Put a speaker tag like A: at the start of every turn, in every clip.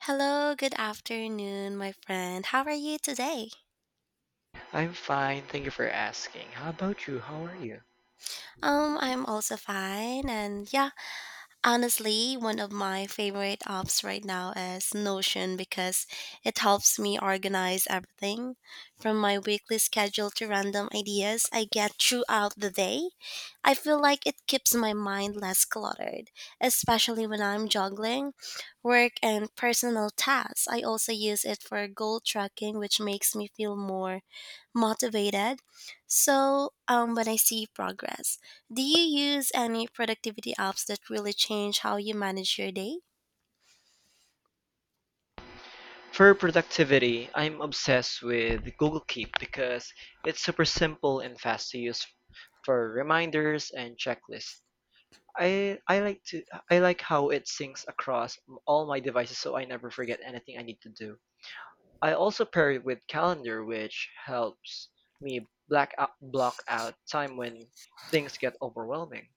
A: Hello, good afternoon, my friend. How are you today?
B: I'm fine, thank you for asking. How about you? How are you?
A: I'm also fine, and yeah, honestly, one of my favorite apps right now is Notion because it helps me organize everything from my weekly schedule to random ideas I get throughout the day. I feel like it keeps my mind less cluttered, especially when I'm juggling work and personal tasks. I also use it for goal tracking, which makes me feel more motivated. So, when I see progress, do you use any productivity apps that really change how you manage your day?
B: For productivity, I'm obsessed with Google Keep because it's super simple and fast to use for reminders and checklists. I I like to I like how it syncs across all my devices so I never forget anything I need to do. I also pair it with calendar which helps me block out time when things get overwhelming.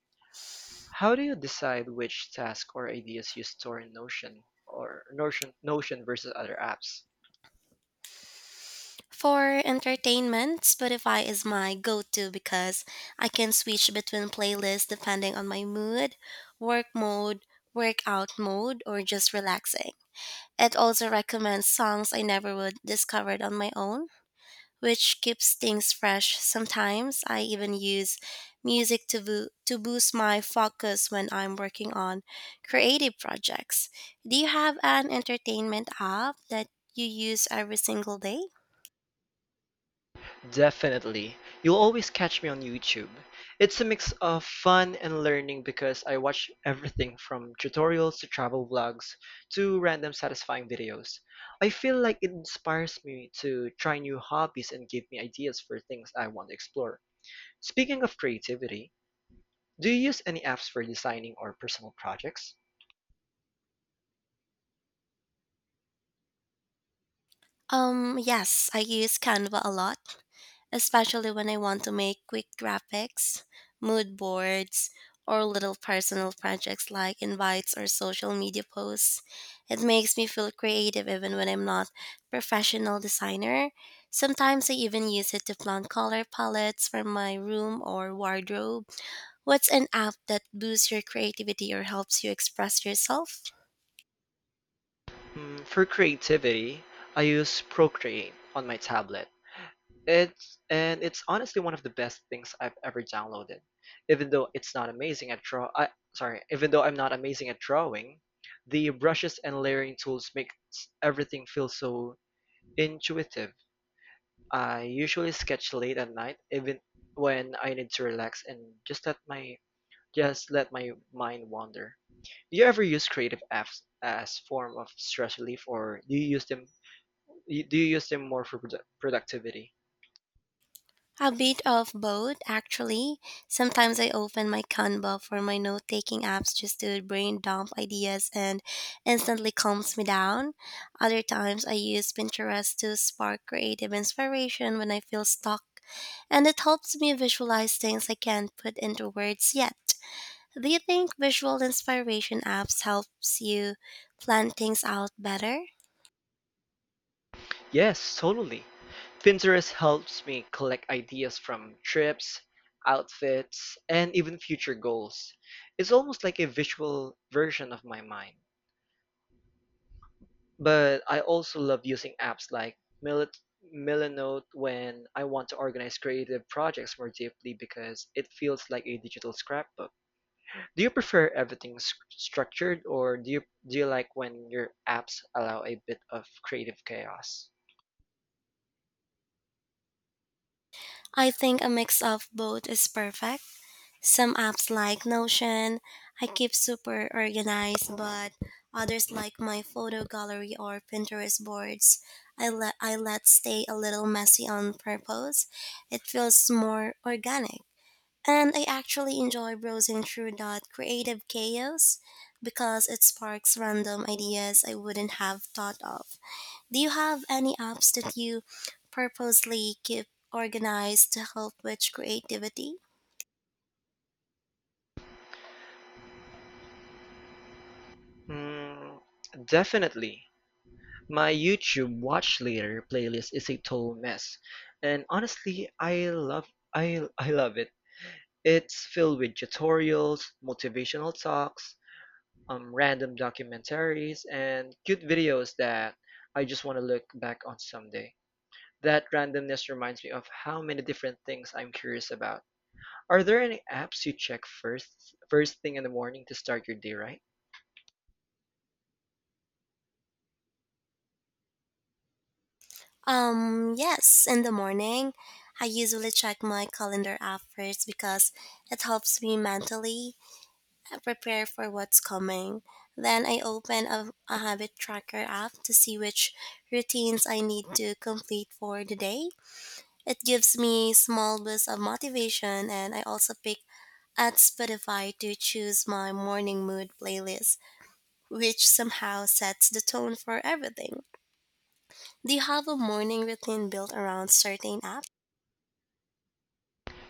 B: How do you decide which tasks or ideas you store in Notion or Notion versus other apps?
A: For entertainment, Spotify is my go to because I can switch between playlists depending on my mood, work mode, workout mode, or just relaxing. It also recommends songs I never would discovered on my own, which keeps things fresh. Sometimes I even use music to boost my focus when I'm working on creative projects. Do you have an entertainment app that you use every single day?
B: Definitely. You'll always catch me on YouTube. It's a mix of fun and learning because I watch everything from tutorials to travel vlogs to random satisfying videos. I feel like it inspires me to try new hobbies and give me ideas for things I want to explore. Speaking of creativity, do you use any apps for designing or personal projects?
A: Yes, I use Canva a lot, especially when I want to make quick graphics, mood boards, or little personal projects like invites or social media posts. It makes me feel creative even when I'm not professional designer. Sometimes I even use it to plan color palettes for my room or wardrobe. What's an app that boosts your creativity or helps you express yourself?
B: Mm, for creativity, I use Procreate on my tablet. It's honestly one of the best things I've ever downloaded. Even though it's not amazing at draw, I, sorry, Even though I'm not amazing at drawing, the brushes and layering tools make everything feel so intuitive. I usually sketch late at night, even when I need to relax and just let my just let my mind wander. Do you ever use creative apps as form of stress relief, or do you use them more for productivity?
A: A bit of both, actually. Sometimes I open my Canva for my note taking apps just to brain dump ideas and instantly calms me down. Other times I use Pinterest to spark creative inspiration when I feel stuck, and it helps me visualize things I can't put into words yet. Do you think visual inspiration apps helps you plan things out better?
B: Yes, totally. Pinterest helps me collect ideas from trips, outfits, and even future goals. It's almost like a visual version of my mind. But I also love using apps like Millet Millenote when I want to organize creative projects more deeply because it feels like a digital scrapbook. Do you prefer everything structured or do you like when your apps allow a bit of creative chaos?
A: I think a mix of both is perfect. Some apps like Notion, I keep super organized, but others like my photo gallery or Pinterest boards, I let stay a little messy on purpose. It feels more organic. And I actually enjoy browsing through that creative chaos because it sparks random ideas I wouldn't have thought of. Do you have any apps that you purposely keep organized to help with creativity?
B: Mm, definitely. My YouTube Watch Later playlist is a total mess, and honestly, I love it. It's filled with tutorials, motivational talks, random documentaries, and cute videos that I just want to look back on someday. That randomness reminds me of how many different things I'm curious about. Are there any apps you check first thing in the morning to start your day right?
A: Yes, in the morning, I usually check my calendar app first because it helps me mentally prepare for what's coming. Then I open a habit tracker app to see which routines I need to complete for the day. It gives me small boosts of motivation and I also pick at Spotify to choose my morning mood playlist which somehow sets the tone for everything. Do you have a morning routine built around certain apps?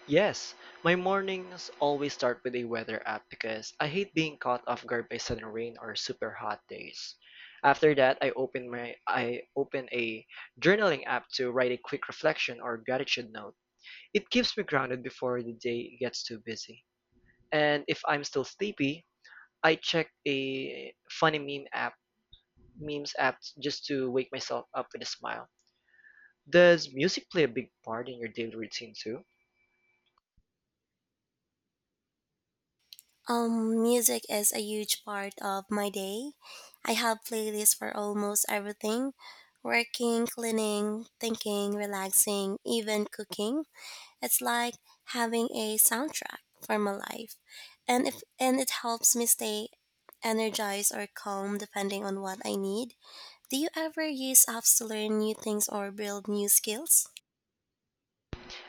B: Yes, my mornings always start with a weather app because I hate being caught off guard by sudden rain or super hot days. After that, I open a journaling app to write a quick reflection or gratitude note. It keeps me grounded before the day gets too busy. And if I'm still sleepy, I check a memes app just to wake myself up with a smile. Does music play a big part in your daily routine too?
A: Music is a huge part of my day. I have playlists for almost everything: working, cleaning, thinking, relaxing, even cooking. It's like having a soundtrack for my life. And if and it helps me stay energized or calm depending on what I need. Do you ever use apps to learn new things or build new skills?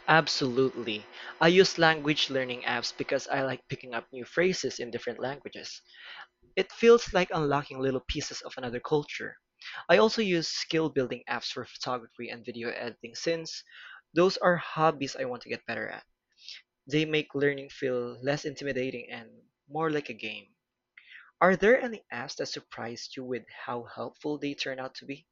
B: Absolutely. I use language learning apps because I like picking up new phrases in different languages. It feels like unlocking little pieces of another culture. I also use skill building apps for photography and video editing since those are hobbies I want to get better at. They make learning feel less intimidating and more like a game. Are there any apps that surprised you with how helpful they turn out to be?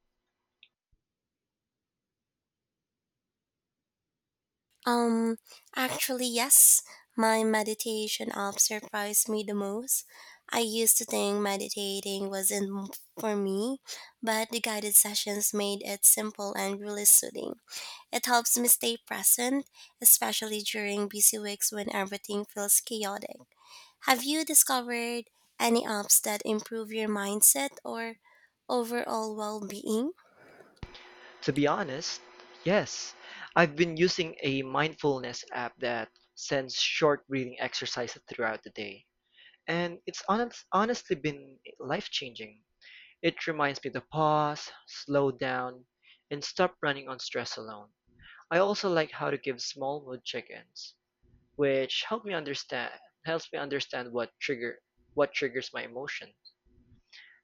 A: Um, Actually, yes, my meditation app surprised me the most. I used to think meditating wasn't m- for me, but the guided sessions made it simple and really soothing. It helps me stay present, especially during busy weeks when everything feels chaotic. Have you discovered any apps that improve your mindset or overall well being?
B: To be honest, yes. I've been using a mindfulness app that sends short breathing exercises throughout the day, and honestly been life-changing. It reminds me to pause, slow down, and stop running on stress alone. I also like how to give small mood check-ins which helped me understand helps me understand what triggers my emotion.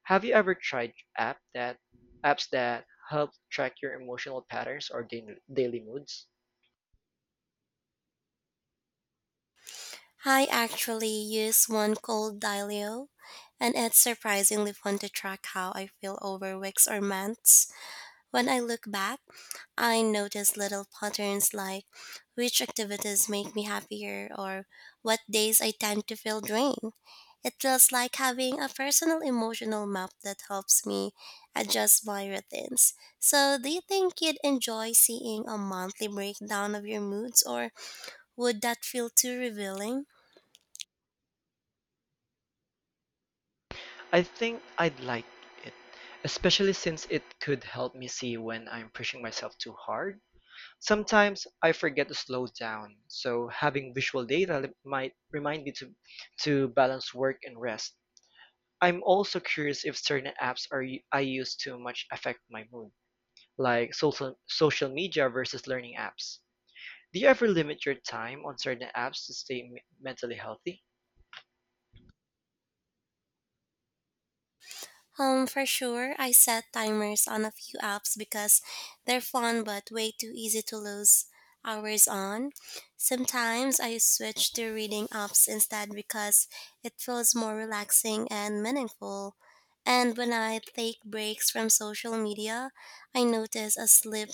B: Have you ever tried apps that help track your emotional patterns or daily moods?
A: I actually use one called Dialio, and it's surprisingly fun to track how I feel over weeks or months. When I look back, I notice little patterns like which activities make me happier or what days I tend to feel drained. It feels like having a personal emotional map that helps me adjust my routines. So, do you think you'd enjoy seeing a monthly breakdown of your moods, or would that feel too revealing?
B: I think I'd like it, especially since it could help me see when I'm pushing myself too hard. Sometimes I forget to slow down, so having visual data might remind me to balance work and rest. I'm also curious if certain apps are I use too much affect my mood. Like social media versus learning apps. Do you ever limit your time on certain apps to stay mentally healthy?
A: For sure, I set timers on a few apps because they're fun but way too easy to lose hours on. Sometimes I switch to reading apps instead because it feels more relaxing and meaningful. And when I take breaks from social media, I notice a sleep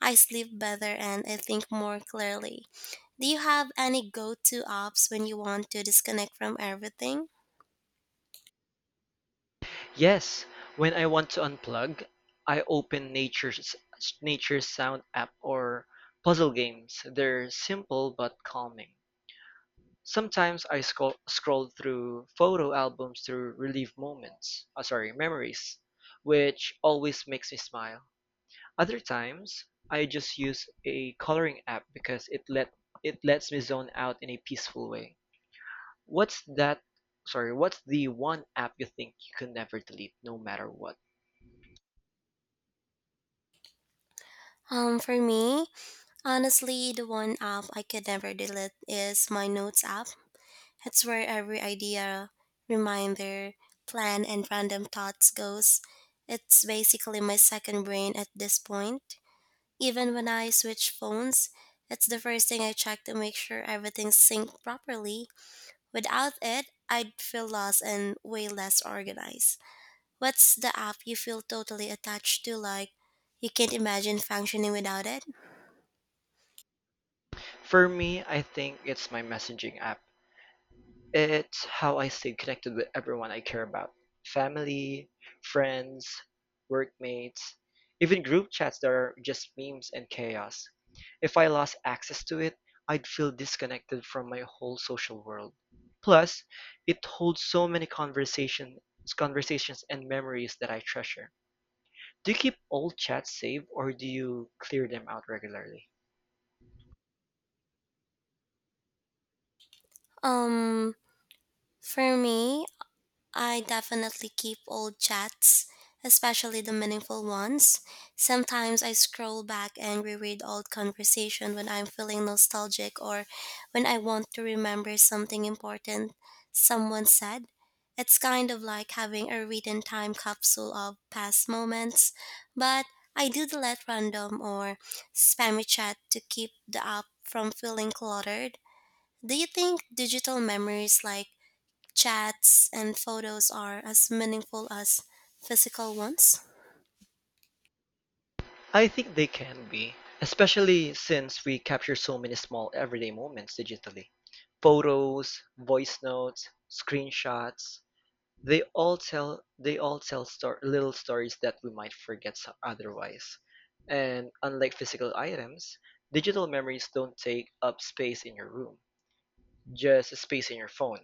A: I sleep better and I think more clearly. Do you have any go-to apps when you want to disconnect from everything?
B: Yes, when I want to unplug, I open nature's sound app or puzzle games. They're simple but calming. Sometimes I scroll through photo albums to relive memories, which always makes me smile. Other times, I just use a coloring app because it lets me zone out in a peaceful way. What's that? What's the one app you think you can never delete no matter what?
A: For me, honestly, the one app I could never delete is my notes app. It's where every idea, reminder, plan, and random thoughts goes. It's basically my second brain at this point. Even when I switch phones, it's the first thing I check to make sure everything's synced properly. Without it, I'd feel lost and way less organized. What's the app you feel totally attached to, like you can't imagine functioning without it?
B: For me, I think it's my messaging app. It's how I stay connected with everyone I care about: family, friends, workmates, even group chats that are just memes and chaos. If I lost access to it, I'd feel disconnected from my whole social world. Plus, it holds so many conversations and memories that I treasure. Do you keep old chats saved or do you clear them out regularly?
A: Um for me, I definitely keep old chats, especially the meaningful ones. Sometimes I scroll back and reread old conversation when I'm feeling nostalgic or when I want to remember something important someone said. It's kind of like having a written time capsule of past moments, but I do delete random or spammy chat to keep the app from feeling cluttered. Do you think digital memories like chats and photos are as meaningful as physical ones?
B: I think they can be, especially since we capture so many small everyday moments digitally. Photos, voice notes, screenshots, they all tell little stories that we might forget otherwise. And unlike physical items, digital memories don't take up space in your room, just space in your phone.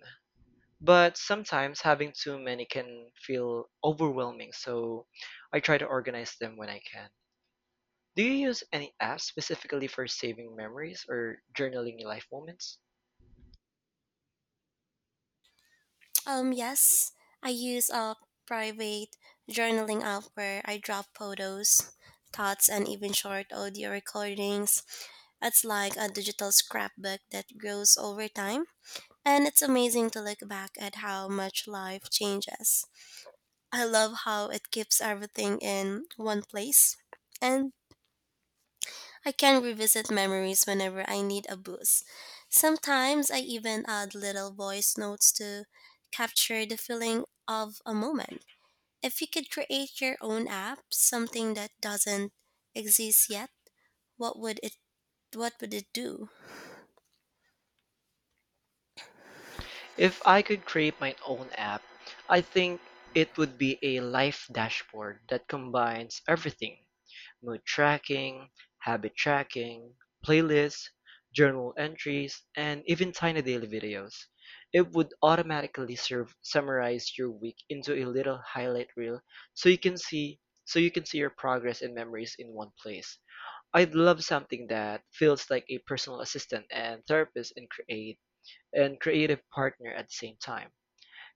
B: But sometimes having too many can feel overwhelming, so I try to organize them when I can. Do you use any app specifically for saving memories or journaling life moments?
A: Yes, I use a private journaling app where I drop photos, thoughts, and even short audio recordings. It's like a digital scrapbook that grows over time. And it's amazing to look back at how much life changes. I love how it keeps everything in one place. And I can revisit memories whenever I need a boost. Sometimes I even add little voice notes to capture the feeling of a moment. If you could create your own app, something that doesn't exist yet, what would it what would it do?
B: If I could create my own app, I think it would be a life dashboard that combines everything: mood tracking, habit tracking, playlists, journal entries, and even tiny daily videos. It would automatically summarize your week into a little highlight reel so you can see your progress and memories in one place. I'd love something that feels like a personal assistant and therapist and creative partner at the same time.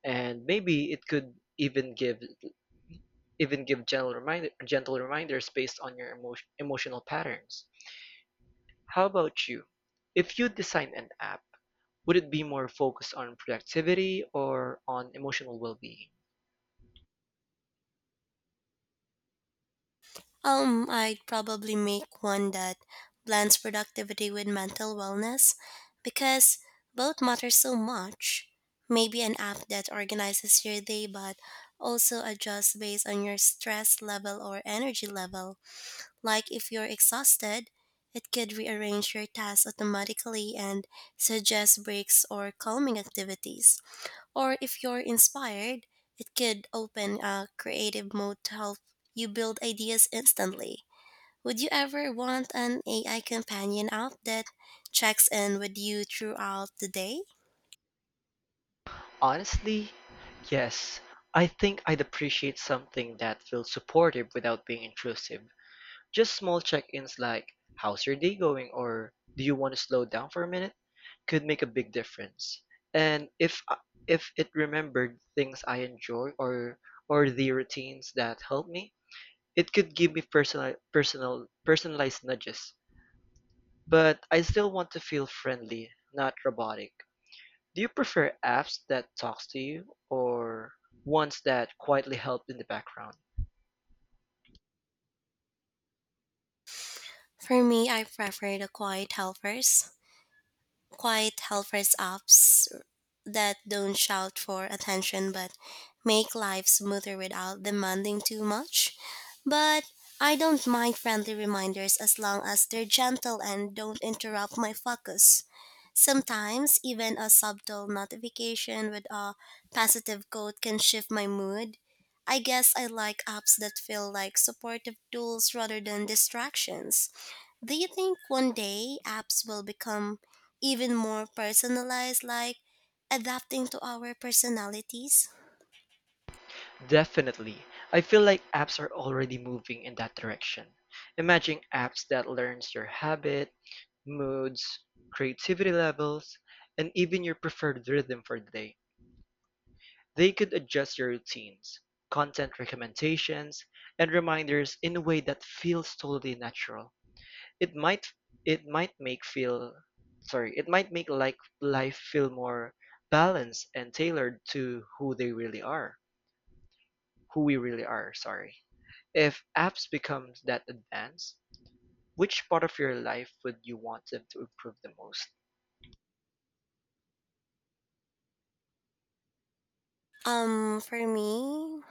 B: And maybe it could even give even give gentle reminders based on your emotional patterns. How about you? If you design an app, would it be more focused on productivity or on emotional well-being?
A: I'd probably make one that blends productivity with mental wellness because both matter so much. Maybe an app that organizes your day but also adjusts based on your stress level or energy level. Like if you're exhausted, it could rearrange your tasks automatically and suggest breaks or calming activities. Or if you're inspired, it could open a creative mode to help you build ideas instantly. Would you ever want an AI companion app that checks in with you throughout the day?
B: Honestly, yes. I think I'd appreciate something that feels supportive without being intrusive. Just small check-ins like "How's your day going?" or "Do you want to slow down for a minute?" could make a big difference. And if it remembered things I enjoy or the routines that help me, it could give me personalized nudges. But I still want to feel friendly, not robotic. Do you prefer apps that talks to you or ones that quietly help in the background?
A: For me, I prefer the quiet helpers. Quiet helpers apps that don't shout for attention but make life smoother without demanding too much. But I don't mind friendly reminders as long as they're gentle and don't interrupt my focus. Sometimes, even a subtle notification with a positive quote can shift my mood. I guess I like apps that feel like supportive tools rather than distractions. Do you think one day apps will become even more personalized, like adapting to our personalities?
B: Definitely. I feel like apps are already moving in that direction. Imagine apps that learns your habit, moods, creativity levels, and even your preferred rhythm for the day. They could adjust your routines, content recommendations, and reminders in a way that feels totally natural. It might it might make feel it might make like life feel more balanced and tailored to who we really are, sorry. If apps become that advanced, which part of your life would you want them to improve the most?
A: For me,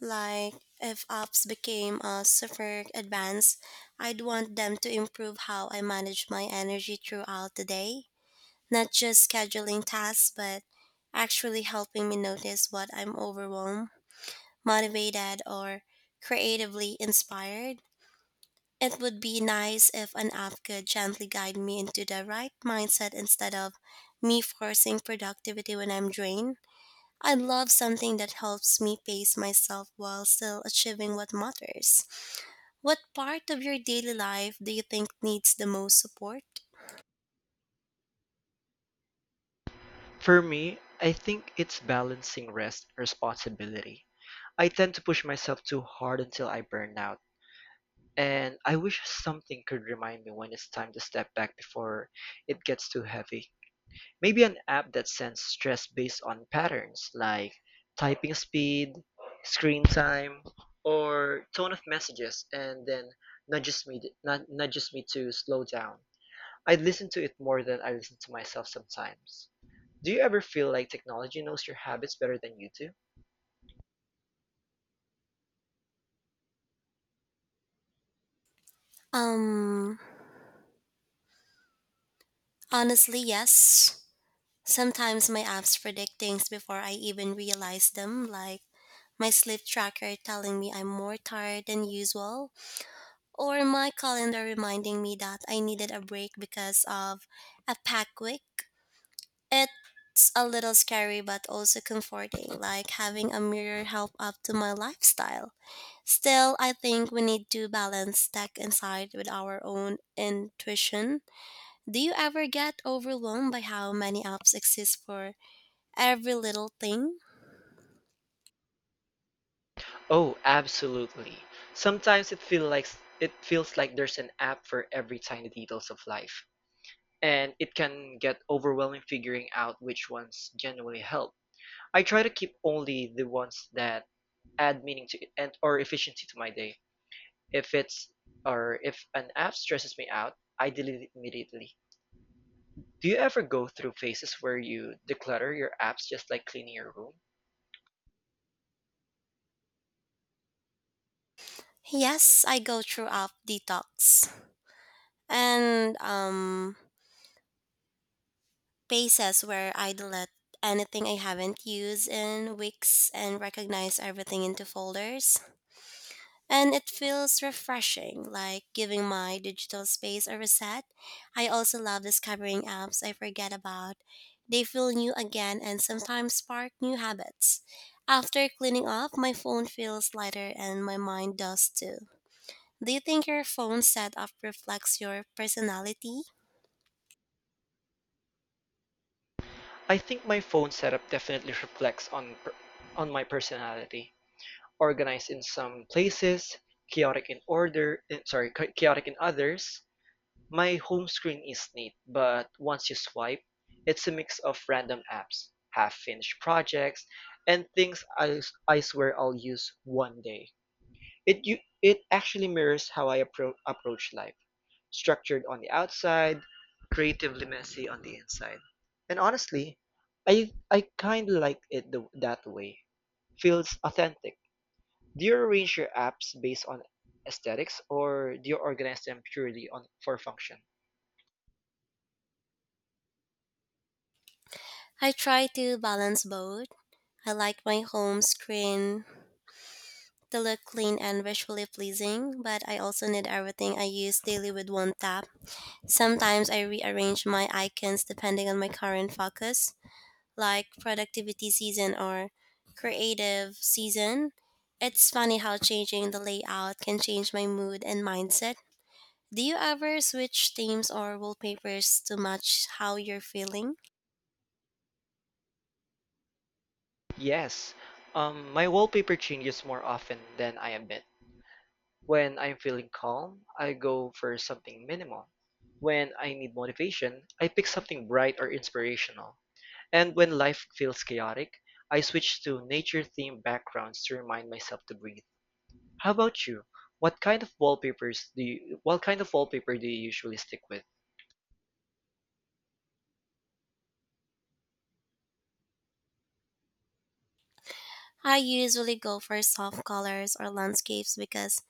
A: like if apps became super advanced, I'd want them to improve how I manage my energy throughout the day. Not just scheduling tasks, but actually helping me notice what I'm overwhelmed, motivated, or creatively inspired. It would be nice if an app could gently guide me into the right mindset instead of me forcing productivity when I'm drained. I love something that helps me pace myself while still achieving what matters. What part of your daily life do you think needs the most support?
B: For me, I think it's balancing rest and responsibility. I tend to push myself too hard until I burn out, and I wish something could remind me when it's time to step back before it gets too heavy. Maybe an app that sends stress based on patterns like typing speed, screen time, or tone of messages and then nudges me to slow down. I listen to it more than I listen to myself sometimes. Do you ever feel like technology knows your habits better than you do?
A: Um, Honestly, yes. Sometimes my apps predict things before I even realize them, like my sleep tracker telling me I'm more tired than usual, or my calendar reminding me that I needed a break because of a pack week. It's a little scary but also comforting, like having a mirror help up to my lifestyle. Still, I think we need to balance tech inside with our own intuition. Do you ever get overwhelmed by how many apps exist for every little thing?
B: Oh, absolutely. Sometimes it feels like there's an app for every tiny details of life, and it can get overwhelming figuring out which ones genuinely help. I try to keep only the ones that add meaning to and or efficiency to my day. If it's or if an app stresses me out, I delete it immediately. Do you ever go through phases where you declutter your apps just like cleaning your room?
A: Yes, I go through app detox and phases where I delete anything I haven't used in weeks and recognize everything into folders. And it feels refreshing, like giving my digital space a reset. I also love discovering apps I forget about. They feel new again and sometimes spark new habits. After cleaning up, my phone feels lighter and my mind does too. Do you think your phone setup reflects your personality?
B: I think my phone setup definitely reflects on my personality. Organized in some places, chaotic in order, eh, sorry, cha- chaotic in others. My home screen is neat, but once you swipe, it's a mix of random apps, half-finished projects, and things I swear I'll use one day. It actually mirrors how I approach life. Structured on the outside, creatively messy on the inside. And honestly, I kind of like that way. Feels authentic. Do you arrange your apps based on aesthetics or do you organize them purely on for function?
A: I try to balance both. I like my home screen to look clean and visually pleasing, but I also need everything I use daily with one tap. Sometimes I rearrange my icons depending on my current focus, like productivity season or creative season. It's funny how changing the layout can change my mood and mindset. Do you ever switch themes or wallpapers to match how you're feeling?
B: Yes, my wallpaper changes more often than I admit. When I'm feeling calm, I go for something minimal. When I need motivation, I pick something bright or inspirational. And when life feels chaotic, I switch to nature themed backgrounds to remind myself to breathe. How about you? What kind of wallpaper do you usually stick with?
A: I usually go for soft colors or landscapes because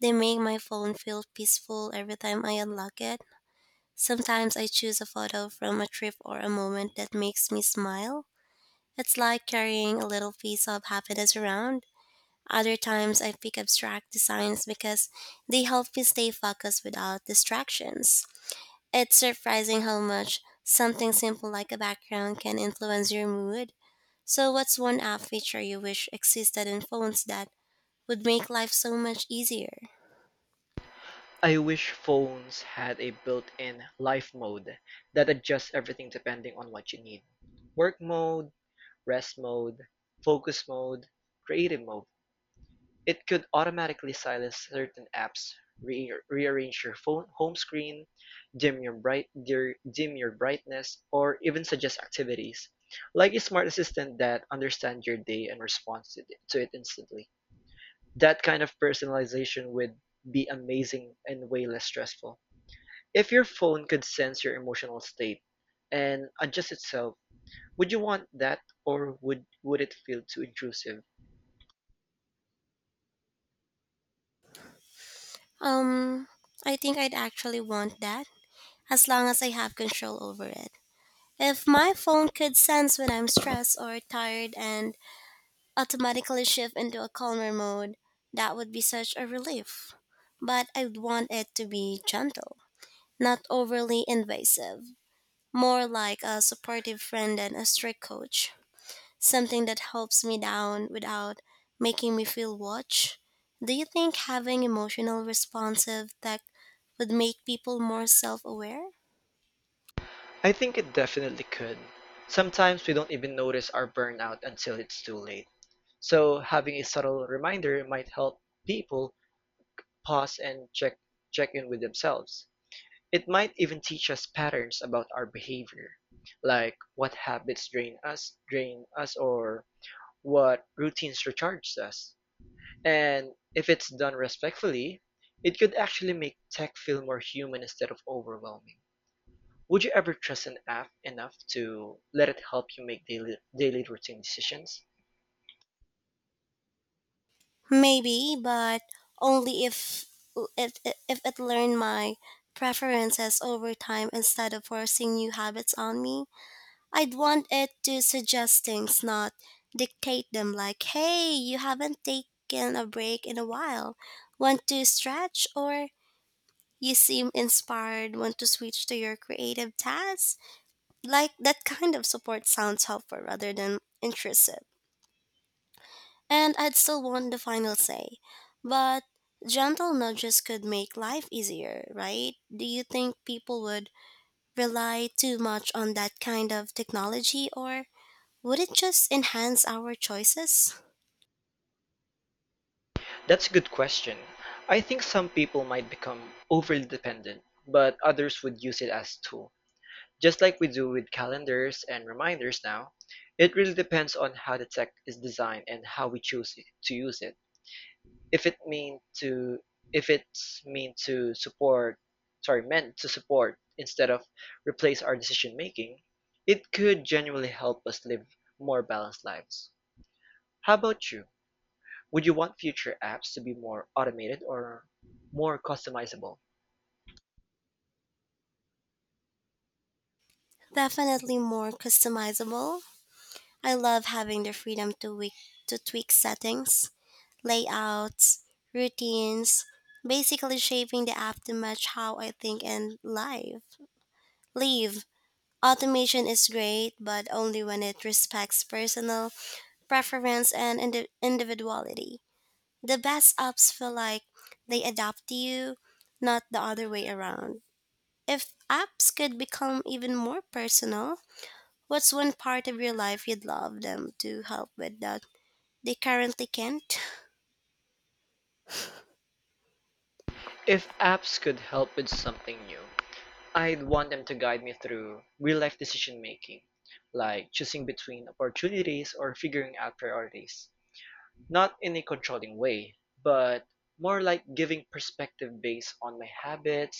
A: they make my phone feel peaceful every time I unlock it. Sometimes I choose a photo from a trip or a moment that makes me smile. It's like carrying a little piece of happiness around. Other times I pick abstract designs because they help me stay focused without distractions. It's surprising how much something simple like a background can influence your mood. So, what's one app feature you wish existed in phones that would make life so much easier?
B: I wish phones had a built-in life mode that adjusts everything depending on what you need: work mode, rest mode, focus mode, creative mode. It could automatically silence certain apps, rearrange your phone home screen, dim your bright dim your brightness, or even suggest activities, like a smart assistant that understands your day and responds to it instantly. That kind of personalization would be amazing and way less stressful. If your phone could sense your emotional state and adjust itself, would you want that or would it feel too intrusive?
A: Um, I think I'd actually want that as long as I have control over it. If my phone could sense when I'm stressed or tired and automatically shift into a calmer mode, that would be such a relief. But I'd want it to be gentle, not overly invasive, more like a supportive friend than a strict coach, something that helps me down without making me feel watched. Do you think having emotional responsive tech would make people more self aware?
B: I think it definitely could. Sometimes we don't even notice our burnout until it's too late. So having a subtle reminder might help people pause and check in with themselves. It might even teach us patterns about our behavior, like what habits drain us or what routines recharge us. And if it's done respectfully, it could actually make tech feel more human instead of overwhelming. Would you ever trust an app enough to let it help you make daily routine decisions?
A: Maybe, but only if it learned my preferences over time instead of forcing new habits on me. I'd want it to suggest things, not dictate them, like, "Hey, you haven't taken a break in a while. Want to stretch?" Or, "You seem inspired, want to switch to your creative tasks?" Like that kind of support sounds helpful rather than intrusive. And I'd still want the final say. But gentle nudges could make life easier, right? Do you think people would rely too much on that kind of technology, or would it just enhance our choices?
B: That's a good question. I think some people might become overly dependent, but others would use it as a tool. Just like we do with calendars and reminders now, it really depends on how the tech is designed and how we choose to use it. if it mean to if it's mean to support sorry meant to support instead of replace our decision making, it could genuinely help us live more balanced lives. How about you, would you want future apps to be more automated or more customizable?
A: Definitely more customizable. I love having the freedom to tweak settings, layouts, routines, basically shaping the app to match how I think and live. Leave. Automation is great, but only when it respects personal preference and individuality. The best apps feel like they adapt to you, not the other way around. If apps could become even more personal, what's one part of your life you'd love them to help with that they currently can't?
B: If apps could help with something new, I'd want them to guide me through real life decision making, like choosing between opportunities or figuring out priorities. Not in a controlling way, but more like giving perspective based on my habits,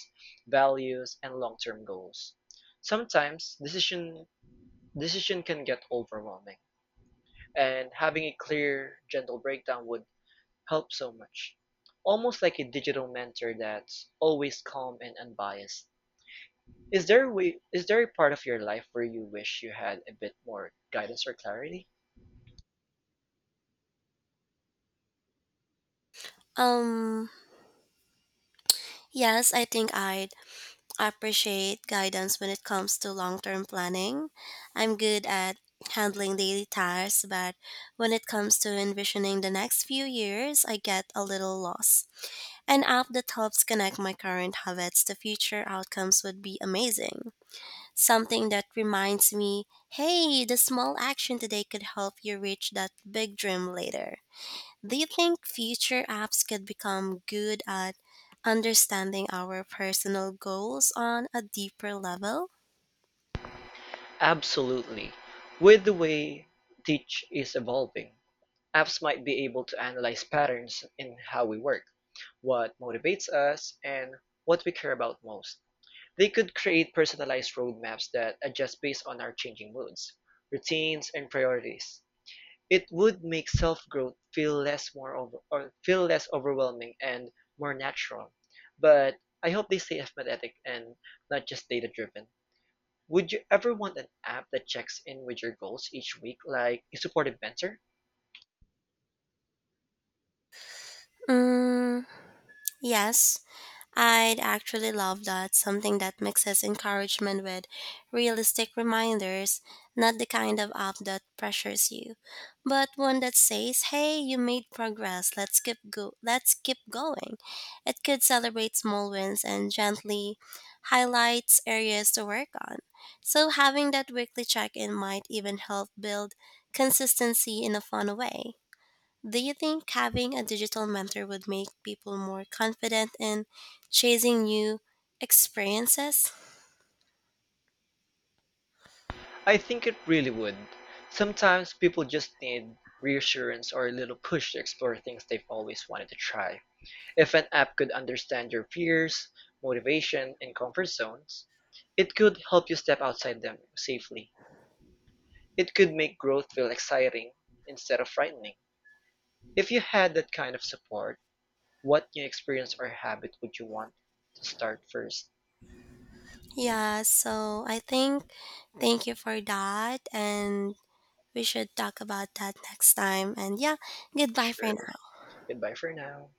B: values, and long-term goals. Sometimes decision can get overwhelming, and having a clear, gentle breakdown would help so much. Almost like a digital mentor that's always calm and unbiased. Is there a part of your life where you wish you had a bit more guidance or clarity?
A: Um, yes, I think I'd appreciate guidance when it comes to long term planning. I'm good at handling daily tasks, but when it comes to envisioning the next few years, I get a little lost. An app that helps connect my current habits to future outcomes would be amazing. Something that reminds me, "Hey, the small action today could help you reach that big dream later." Do you think future apps could become good at understanding our personal goals on a deeper level?
B: Absolutely. With the way teach is evolving, apps might be able to analyze patterns in how we work, what motivates us, and what we care about most. They could create personalized roadmaps that adjust based on our changing moods, routines, and priorities. It would make self-growth feel less overwhelming and more natural. But I hope they stay empathetic and not just data-driven. Would you ever want an app that checks in with your goals each week, like a supportive mentor?
A: Mm, yes, I'd actually love that. Something that mixes encouragement with realistic reminders, not the kind of app that pressures you, but one that says, "Hey, you made progress. Let's keep go. Let's keep going." It could celebrate small wins and gently highlights areas to work on. So having that weekly check-in might even help build consistency in a fun way. Do you think having a digital mentor would make people more confident in chasing new experiences?
B: I think it really would. Sometimes people just need reassurance or a little push to explore things they've always wanted to try. If an app could understand your fears, motivation, and comfort zones, it could help you step outside them safely. It could make growth feel exciting instead of frightening. If you had that kind of support, what new experience or habit would you want to start first?
A: Yeah, so I think thank you for that and we should talk about that next time. And yeah, goodbye for
B: Sure.
A: now.
B: Goodbye for now.